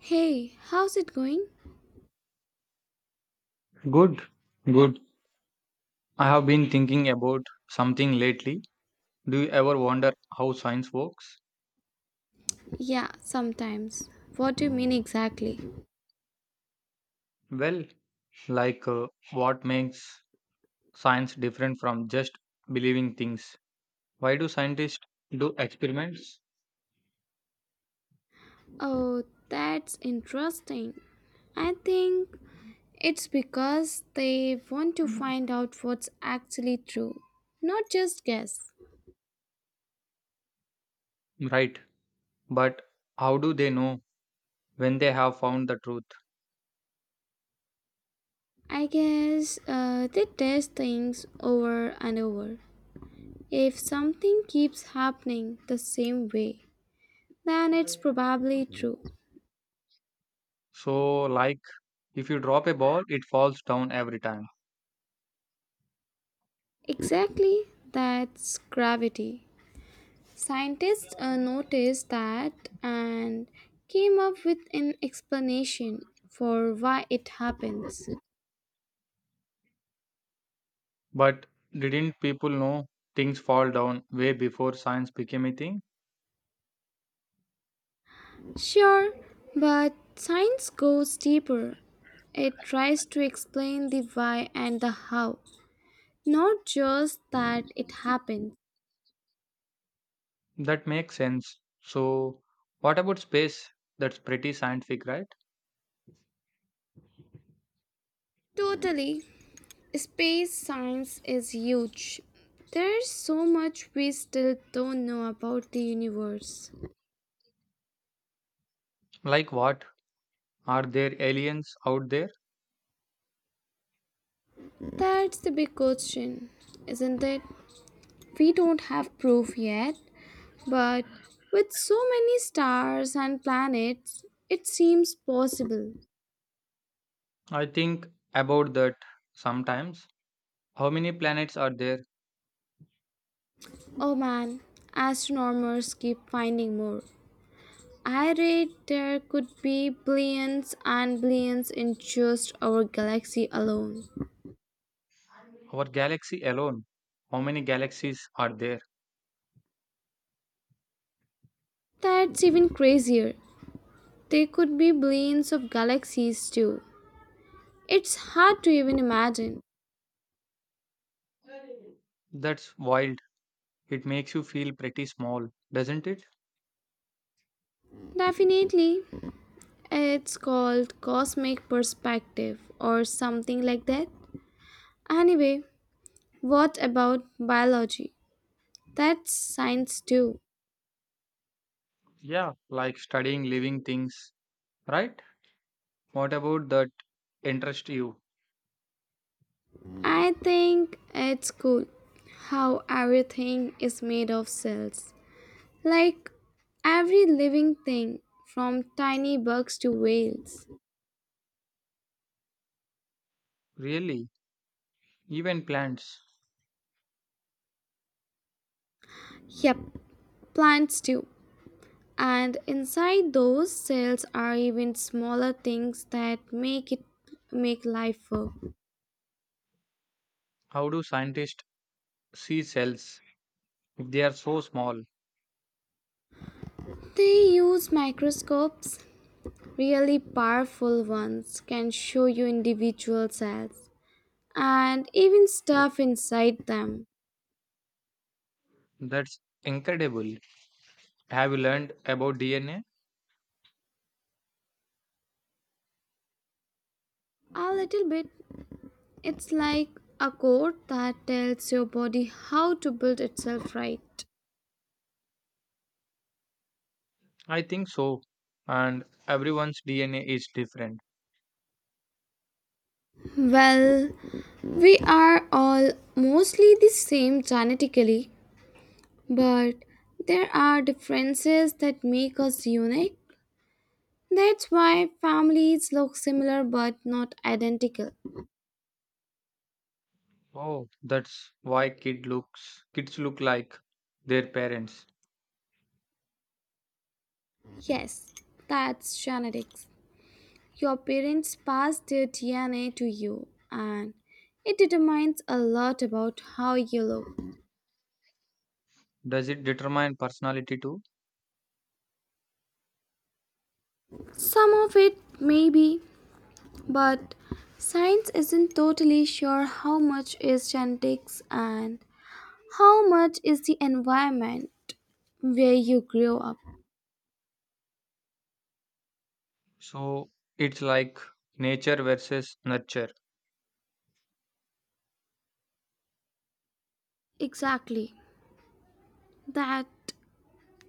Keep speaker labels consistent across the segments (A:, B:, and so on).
A: Hey, how's it going?
B: Good, good. I have been thinking about something lately. Do you ever wonder how science works?
A: Yeah, sometimes. What do you mean exactly?
B: Well, like what makes science different from just believing things? Why do scientists do experiments?
A: Oh, that's interesting. I think it's because they want to find out what's actually true, not just guess.
B: Right, but how do they know when they have found the truth?
A: I guess they test things over and over. If something keeps happening the same way, then it's probably true.
B: So, like if you drop a ball, it falls down every time.
A: Exactly, that's gravity. Scientists noticed that and came up with an explanation for why it happens.
B: But didn't people know things fall down way before science became a thing?
A: Sure, but science goes deeper. It tries to explain the why and the how, not just that it happens.
B: That makes sense. So, what about space? That's pretty scientific, right?
A: Totally. Space science is huge. There's so much we still don't know about the universe.
B: Like what? Are there aliens out there?
A: That's the big question, isn't it? We don't have proof yet, but with so many stars and planets, it seems possible.
B: I think about that sometimes. How many planets are there?
A: Oh man, astronomers keep finding more. I read there could be billions and billions in just our galaxy alone.
B: Our galaxy alone. How many galaxies are there?
A: That's even crazier. There could be billions of galaxies too. It's hard to even imagine.
B: That's wild. It makes you feel pretty small, doesn't it?
A: Definitely, it's called cosmic perspective or something like that. Anyway, what about biology? That's science too.
B: Yeah, like studying living things, right? What about that interest you?
A: I think it's cool how everything is made of cells. Like every living thing, from tiny bugs to whales.
B: Really? Even plants.
A: Yep, plants too. And inside those cells are even smaller things that make life work.
B: How do scientists see cells if they are so small?
A: They use microscopes, really powerful ones, can show you individual cells, and even stuff inside them.
B: That's incredible. Have you learned about DNA?
A: A little bit, it's like a code that tells your body how to build itself, right.
B: I think so. And everyone's DNA is different.
A: Well, we are all mostly the same genetically, but there are differences that make us unique. That's why families look similar but not identical.
B: Oh, that's why kids look like their parents.
A: Yes, that's genetics. Your parents passed their DNA to you, and it determines a lot about how you look.
B: Does it determine personality too?
A: Some of it, maybe, but science isn't totally sure how much is genetics and how much is the environment where you grew up.
B: So it's like nature versus nurture.
A: Exactly. That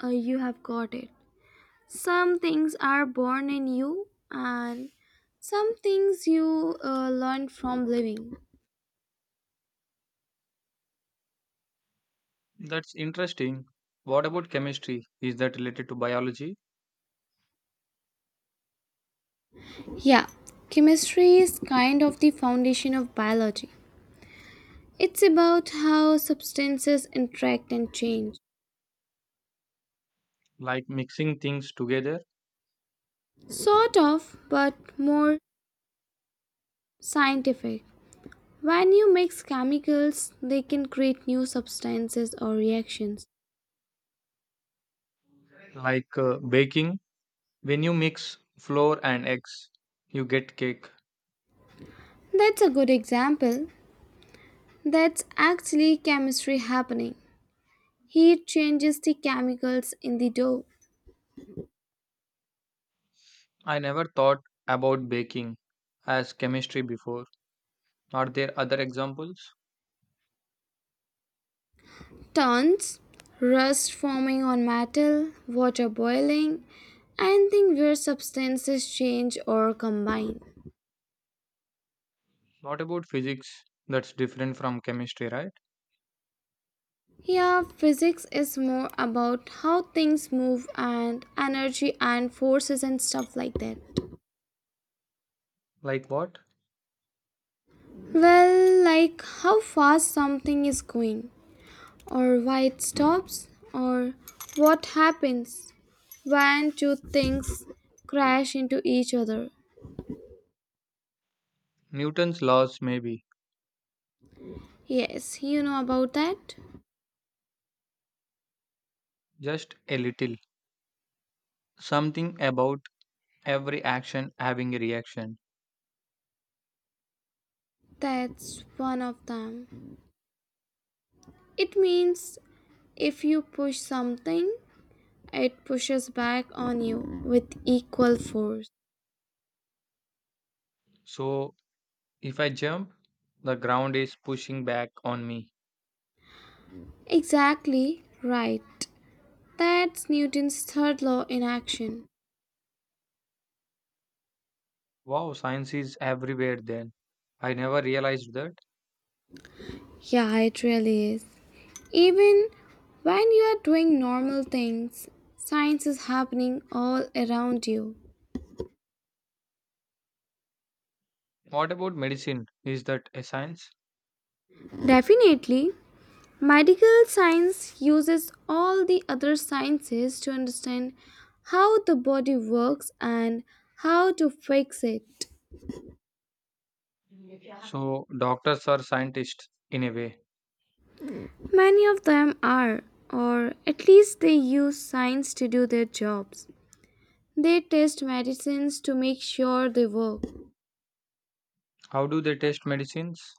A: You have got it. Some things are born in you, and some things you learn from living.
B: That's interesting. What about chemistry? Is that related to biology?
A: Yeah, chemistry is kind of the foundation of biology. It's about how substances interact and change.
B: Like mixing things together,
A: Sort of, but more scientific. When you mix chemicals, they can create new substances or reactions.
B: like baking. When you mix flour and eggs, you get cake.
A: That's a good example. That's actually chemistry happening. Heat changes the chemicals in the dough.
B: I never thought about baking as chemistry before. Are there other examples?
A: Tons, rust forming on metal, water boiling, anything where substances change or combine.
B: What about physics that's different from chemistry, right?
A: Here, physics is more about how things move and energy and forces and stuff like that.
B: Like what?
A: Well, like how fast something is going, or why it stops, or what happens when two things crash into each other.
B: Newton's laws, maybe.
A: Yes, you know about that.
B: Just a little. Something about every action having a reaction.
A: That's one of them. It means if you push something, it pushes back on you with equal force.
B: So, if I jump, the ground is pushing back on me.
A: Exactly right. That's Newton's third law in action.
B: Wow, science is everywhere then. I never realized that.
A: Yeah, it really is. Even when you are doing normal things, science is happening all around you.
B: What about medicine? Is that a science?
A: Definitely, medical science uses all the other sciences to understand how the body works and how to fix it.
B: Yeah. So, doctors are scientists in a way.
A: Many of them are, or at least they use science to do their jobs. They test medicines to make sure they work.
B: How do they test medicines?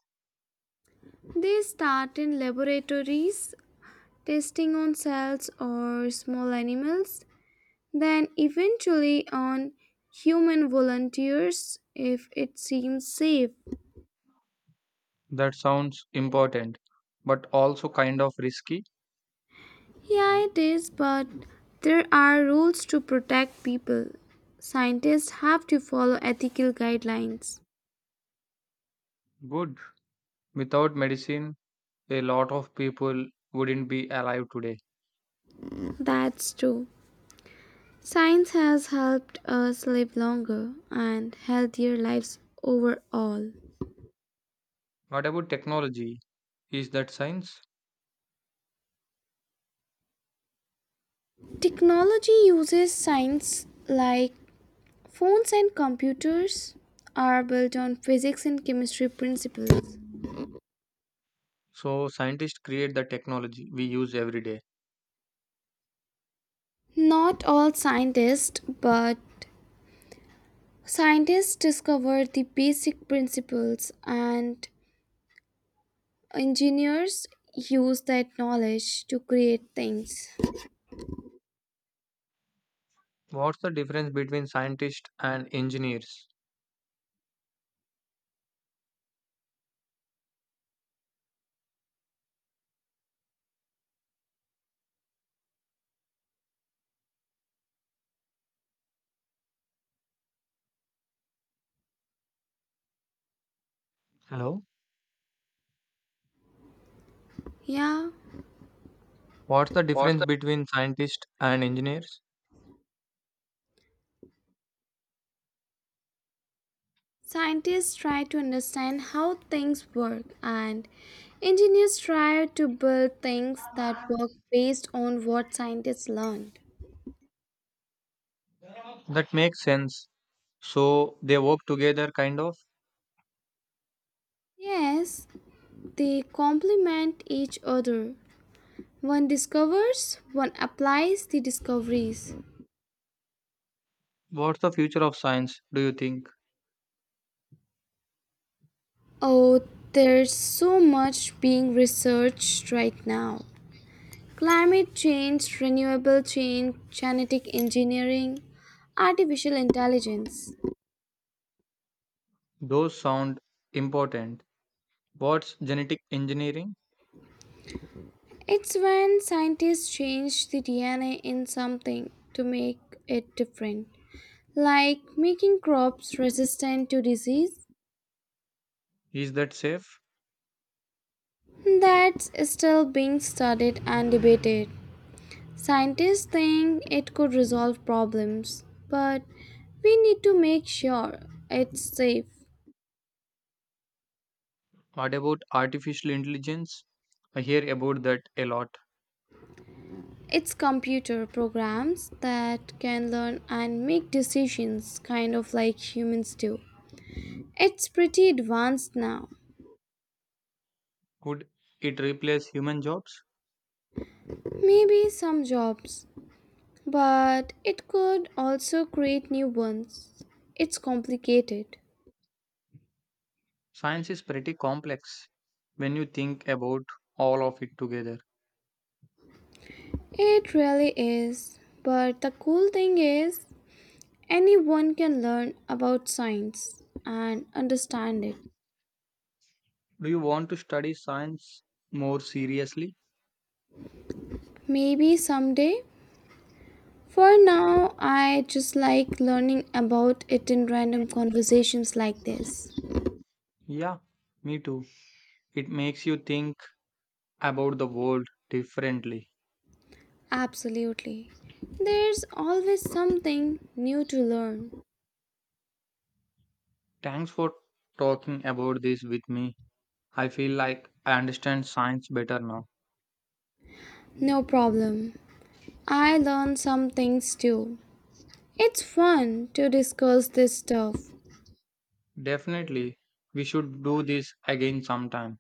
A: They start in laboratories, testing on cells or small animals, then eventually on human volunteers if it seems safe.
B: That sounds important, but also kind of risky.
A: Yeah, it is, but there are rules to protect people. Scientists have to follow ethical guidelines.
B: Good. Without medicine, a lot of people wouldn't be alive today.
A: That's true. Science has helped us live longer and healthier lives overall.
B: What about technology? Is that science?
A: Technology uses science, like phones and computers are built on physics and chemistry principles.
B: So, scientists create the technology we use every day.
A: Not all scientists, but scientists discovered the basic principles and engineers use that knowledge to create things.
B: What's the difference between scientists and engineers? Hello?
A: Yeah.
B: What's the
A: What's
B: difference
A: the
B: between scientists and engineers?
A: Scientists try to understand how things work, and engineers try to build things that work based on what scientists learned.
B: That makes sense. So, they work together, kind of.
A: Yes, they complement each other. One discovers, one applies the discoveries.
B: What's the future of science, do you think?
A: Oh, there's so much being researched right now. Climate change, renewable change, genetic engineering, artificial intelligence.
B: Those sound important. What's genetic engineering?
A: It's when scientists change the DNA in something to make it different, like making crops resistant to disease.
B: Is that safe?
A: That's still being studied and debated. Scientists think it could resolve problems, but we need to make sure it's safe.
B: What about artificial intelligence? I hear about that a lot.
A: It's computer programs that can learn and make decisions, kind of like humans do. It's pretty advanced now.
B: Could it replace human jobs?
A: Maybe some jobs, but it could also create new ones. It's complicated.
B: Science is pretty complex when you think about all of it together.
A: It really is. But the cool thing is, anyone can learn about science and understand it.
B: Do you want to study science more seriously?
A: Maybe someday. For now, I just like learning about it in random conversations like this.
B: Yeah, me too. It makes you think about the world differently.
A: Absolutely. There's always something new to learn.
B: Thanks for talking about this with me. I feel like I understand science better now.
A: No problem. I learn some things too. It's fun to discuss this stuff.
B: Definitely. We should do this again sometime.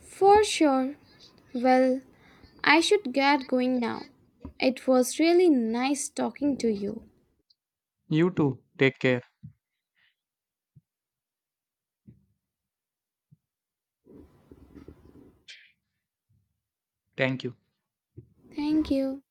A: For sure. Well, I should get going now. It was really nice talking to you.
B: You too. Take care. Thank you.
A: Thank you.